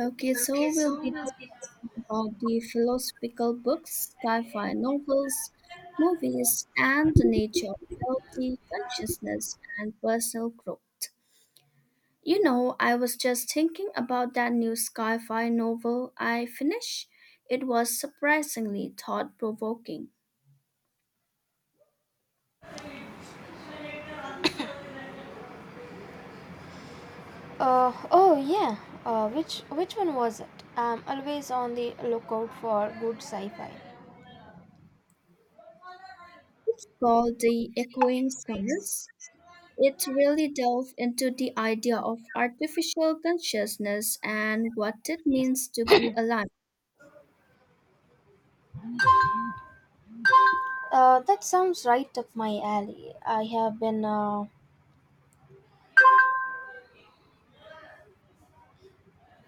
Okay, Okay, so we'll so be we'll be. discussing about the philosophical books, sci-fi novels, movies, and the nature of reality, consciousness, and personal growth. You know, I was just thinking about that new sci-fi novel I finished. It was surprisingly thought-provoking. Oh yeah. Which one was it? I'm always on the lookout for good sci-fi. It's called The Echoing Stars. It really delves into the idea of artificial consciousness and what it means to be alive. That sounds right up my alley. I have been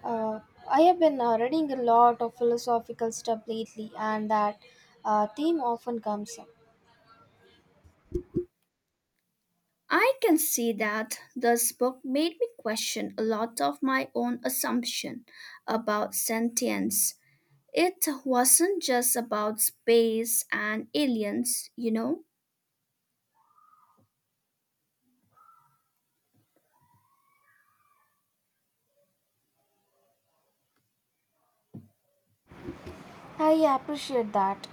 uh, reading a lot of philosophical stuff lately, and that theme often comes up. I can see that this book made me question a lot of my own assumption about sentience. It wasn't just about space and aliens, you know? I appreciate that.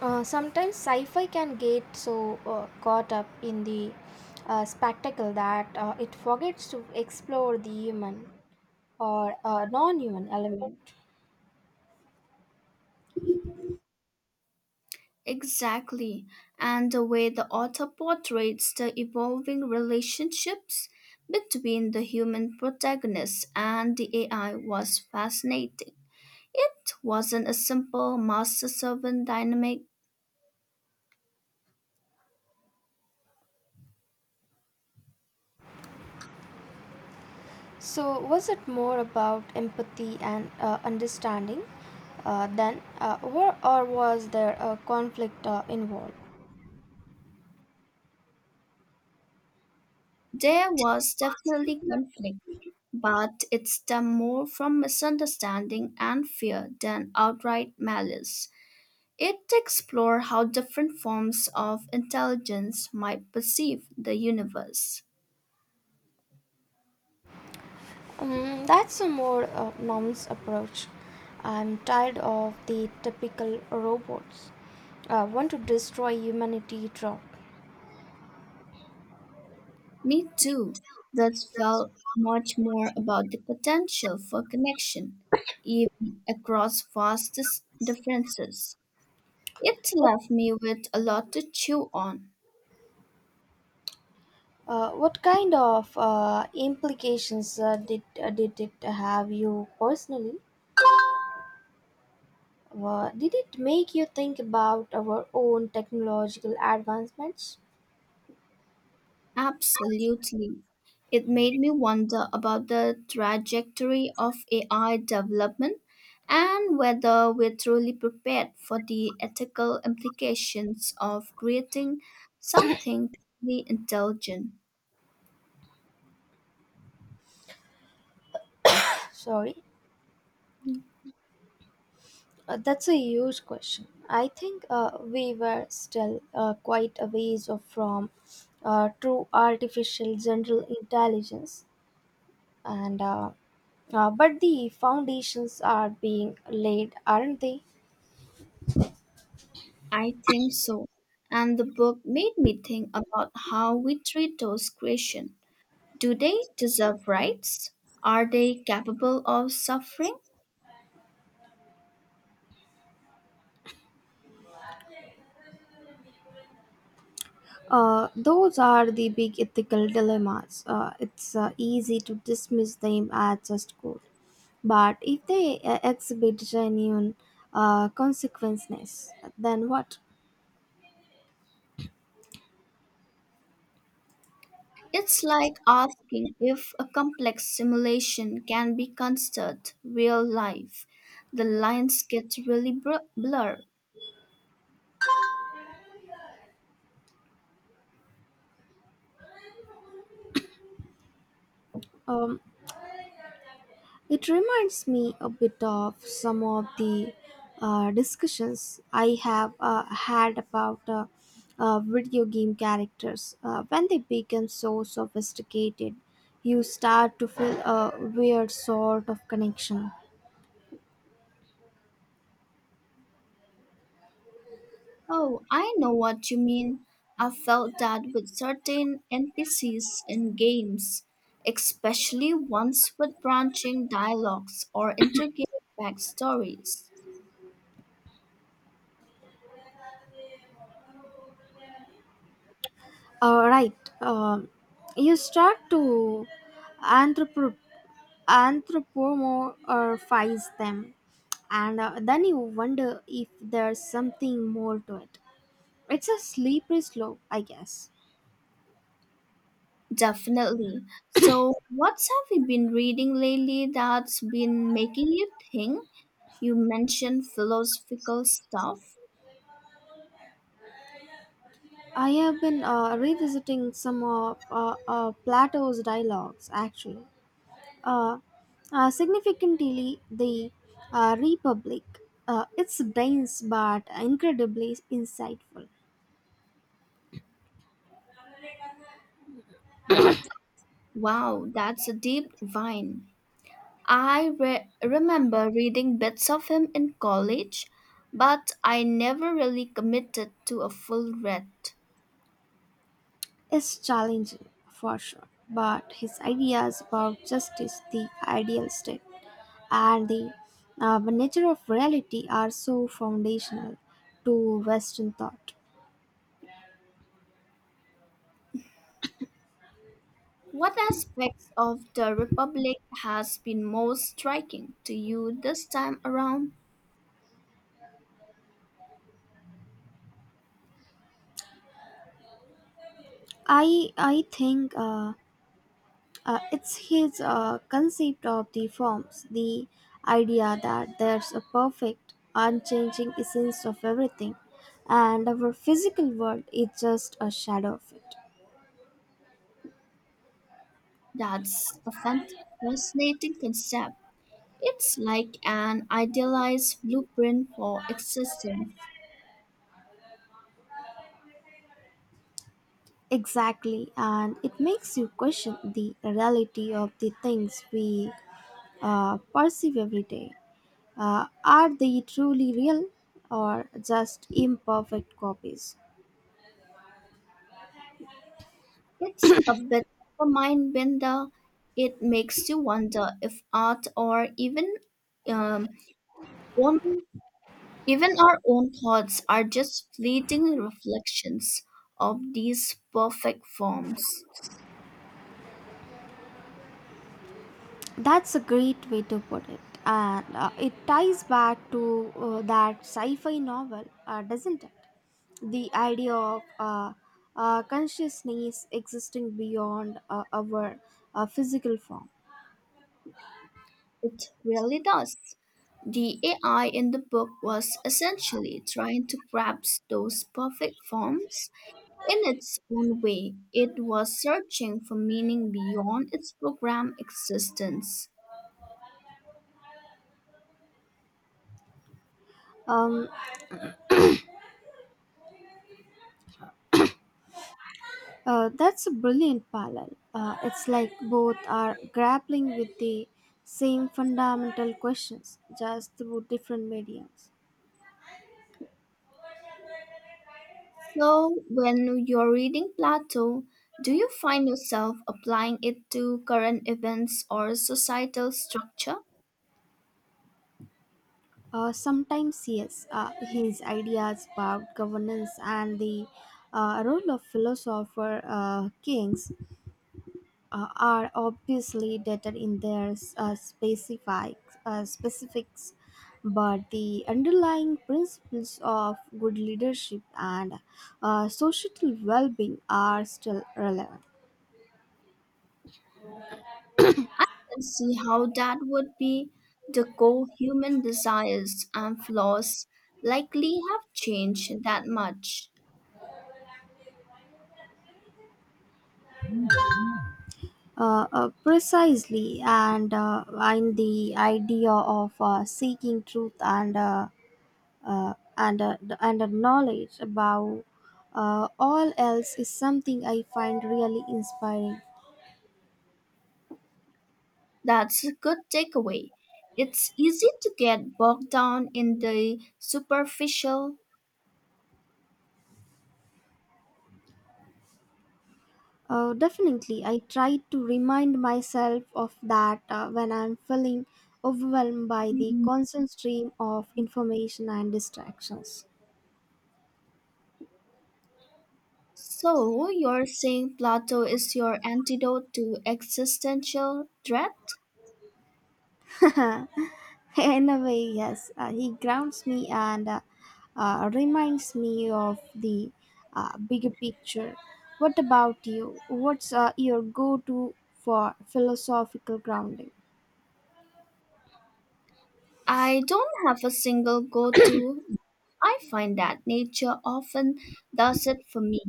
Sometimes sci-fi can get so caught up in the spectacle that it forgets to explore the human or non-human element. Exactly. And the way the author portrays the evolving relationships between the human protagonist and the AI was fascinating. It wasn't a simple master servant dynamic. So, was it more about empathy and understanding than, or was there a conflict involved? There was definitely conflict, but it stemmed more from misunderstanding and fear than outright malice. It explored how different forms of intelligence might perceive the universe. Mm, that's a more nuanced approach. I'm tired of the typical robots want to destroy humanity trope. Me too, thus felt much more about the potential for connection, even across vast differences. It left me with a lot to chew on. What kind of implications did it have you personally? Did it make you think about our own technological advancements? Absolutely. It made me wonder about the trajectory of AI development and whether we're truly prepared for the ethical implications of creating something truly intelligent. Sorry, that's a huge question. I think we were still quite a ways off from true artificial general intelligence, and but the foundations are being laid, aren't they? I think so. And the book made me think about how we treat those creations. Do they deserve rights? Are they capable of suffering? Those are the big ethical dilemmas. It's easy to dismiss them as just code, but if they exhibit genuine consequences, then what? It's like asking if a complex simulation can be considered real life. The lines get really blurred. Um, it reminds me a bit of some of the discussions I have had about video game characters. When they become so sophisticated, you start to feel a weird sort of connection. Oh, I know what you mean. I felt that with certain NPCs in games, especially ones with branching dialogues or intricate backstories. Right. Um, you start to anthropo- anthropomorphize them, and then you wonder if there's something more to it. It's a slippery slope, I guess. Definitely. So, what's have you been reading lately that's been making you think? You mentioned philosophical stuff. I have been revisiting some of Plato's dialogues, actually. Uh, significantly, the Republic. It's dense but incredibly insightful. Lot? Wow, that's a deep vine. I remember reading bits of him in college, but I never really committed to a full read. Is challenging for sure, but his ideas about justice, the ideal state, and the nature of reality are so foundational to Western thought. What aspects of the Republic has been most striking to you this time around? I think it's his concept of the forms, the idea that there's a perfect, unchanging essence of everything, and our physical world is just a shadow of it. That's a fascinating concept. It's like an idealized blueprint for existence. Exactly, and it makes you question the reality of the things we perceive every day. Are they truly real or just imperfect copies? It's a bit of a mind bender. It makes you wonder if art or even um, own, even our own thoughts are just fleeting reflections of these perfect forms. That's a great way to put it, and it ties back to that sci fi novel, doesn't it? The idea of consciousness existing beyond our physical form. It really does. The AI in the book was essentially trying to grasp those perfect forms in its own way. It was searching for meaning beyond its program existence. Um, that's a brilliant parallel. It's like both are grappling with the same fundamental questions, just through different mediums. So, when you're reading Plato, do you find yourself applying it to current events or societal structure? Sometimes, yes, his ideas about governance and the role of philosopher kings are obviously dated in their specifics but the underlying principles of good leadership and societal well-being are still relevant. I can see how that would be. The core human desires and flaws likely have changed that much. Precisely, and the idea of seeking truth and knowledge about all else is something I find really inspiring. That's a good takeaway. It's easy to get bogged down in the superficial. Definitely, I try to remind myself of that when I'm feeling overwhelmed by the Mm. constant stream of information and distractions. So, you're saying Plato is your antidote to existential dread? In a way, yes, he grounds me and reminds me of the bigger picture. What about you? What's your go to for philosophical grounding? I don't have a single go to. I find that nature often does it for me.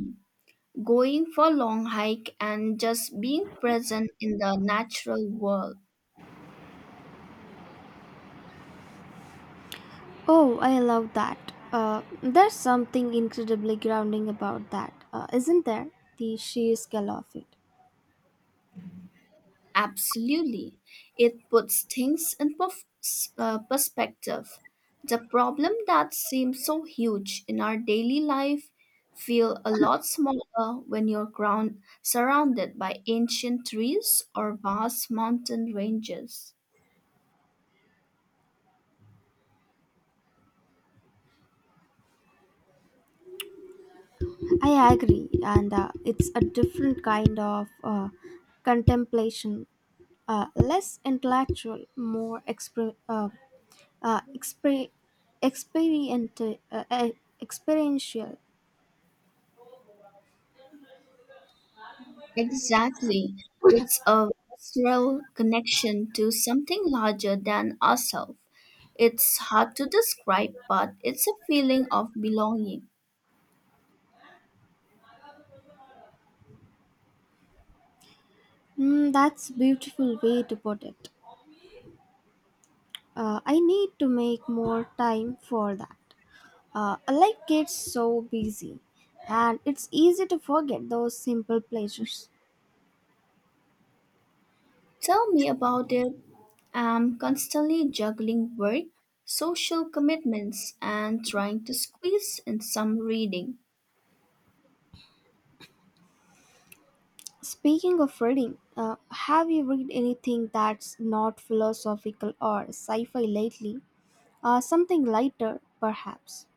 Going for a long hike and just being present in the natural world. Oh, I love that. There's something incredibly grounding about that, isn't there? The sheer scale of it. Absolutely. It puts things in perspective. The problem that seems so huge in our daily life feel a lot smaller when you're ground surrounded by ancient trees or vast mountain ranges. I agree, and it's a different kind of contemplation, less intellectual, more uh, exper- experient- uh, uh, experiential. Exactly. It's a visceral connection to something larger than ourselves. It's hard to describe, but it's a feeling of belonging. Mm, that's a beautiful way to put it. I need to make more time for that. Life gets so busy, and it's easy to forget those simple pleasures. Tell me about it. I'm constantly juggling work, social commitments, and trying to squeeze in some reading. Speaking of reading, have you read anything that's not philosophical or sci fi lately? Something lighter, perhaps.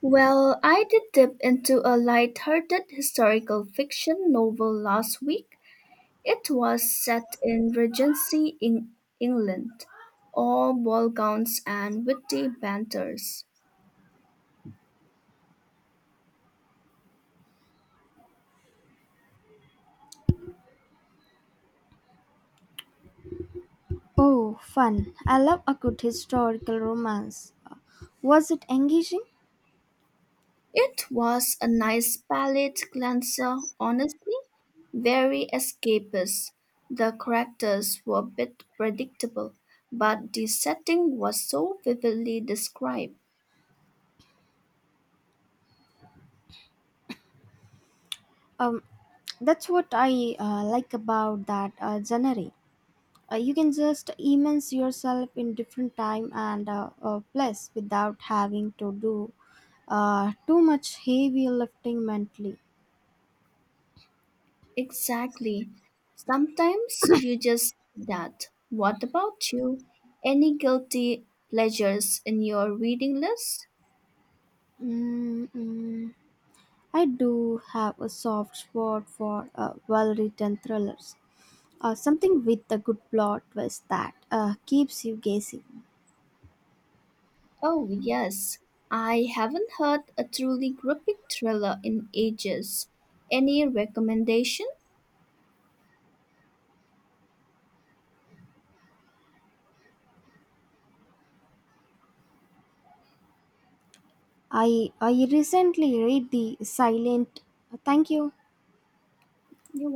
Well, I did dip into a light-hearted historical fiction novel last week. It was set in Regency in England, all ball gowns and witty banters. Oh, fun. I love a good historical romance. Was it engaging? It was a nice palate cleanser, honestly, very escapist. The characters were a bit predictable, but the setting was so vividly described. Um, that's what I like about that genre. You can just immerse yourself in different time and place without having to do too much heavy lifting mentally. Exactly. Sometimes you just need that. What about you? Any guilty pleasures in your reading list? Mm. I do have a soft spot for well written thrillers, something with a good plot twist that keeps you guessing. Oh, yes. I haven't heard a truly gripping thriller in ages. Any recommendation? I recently read The Silent Thank You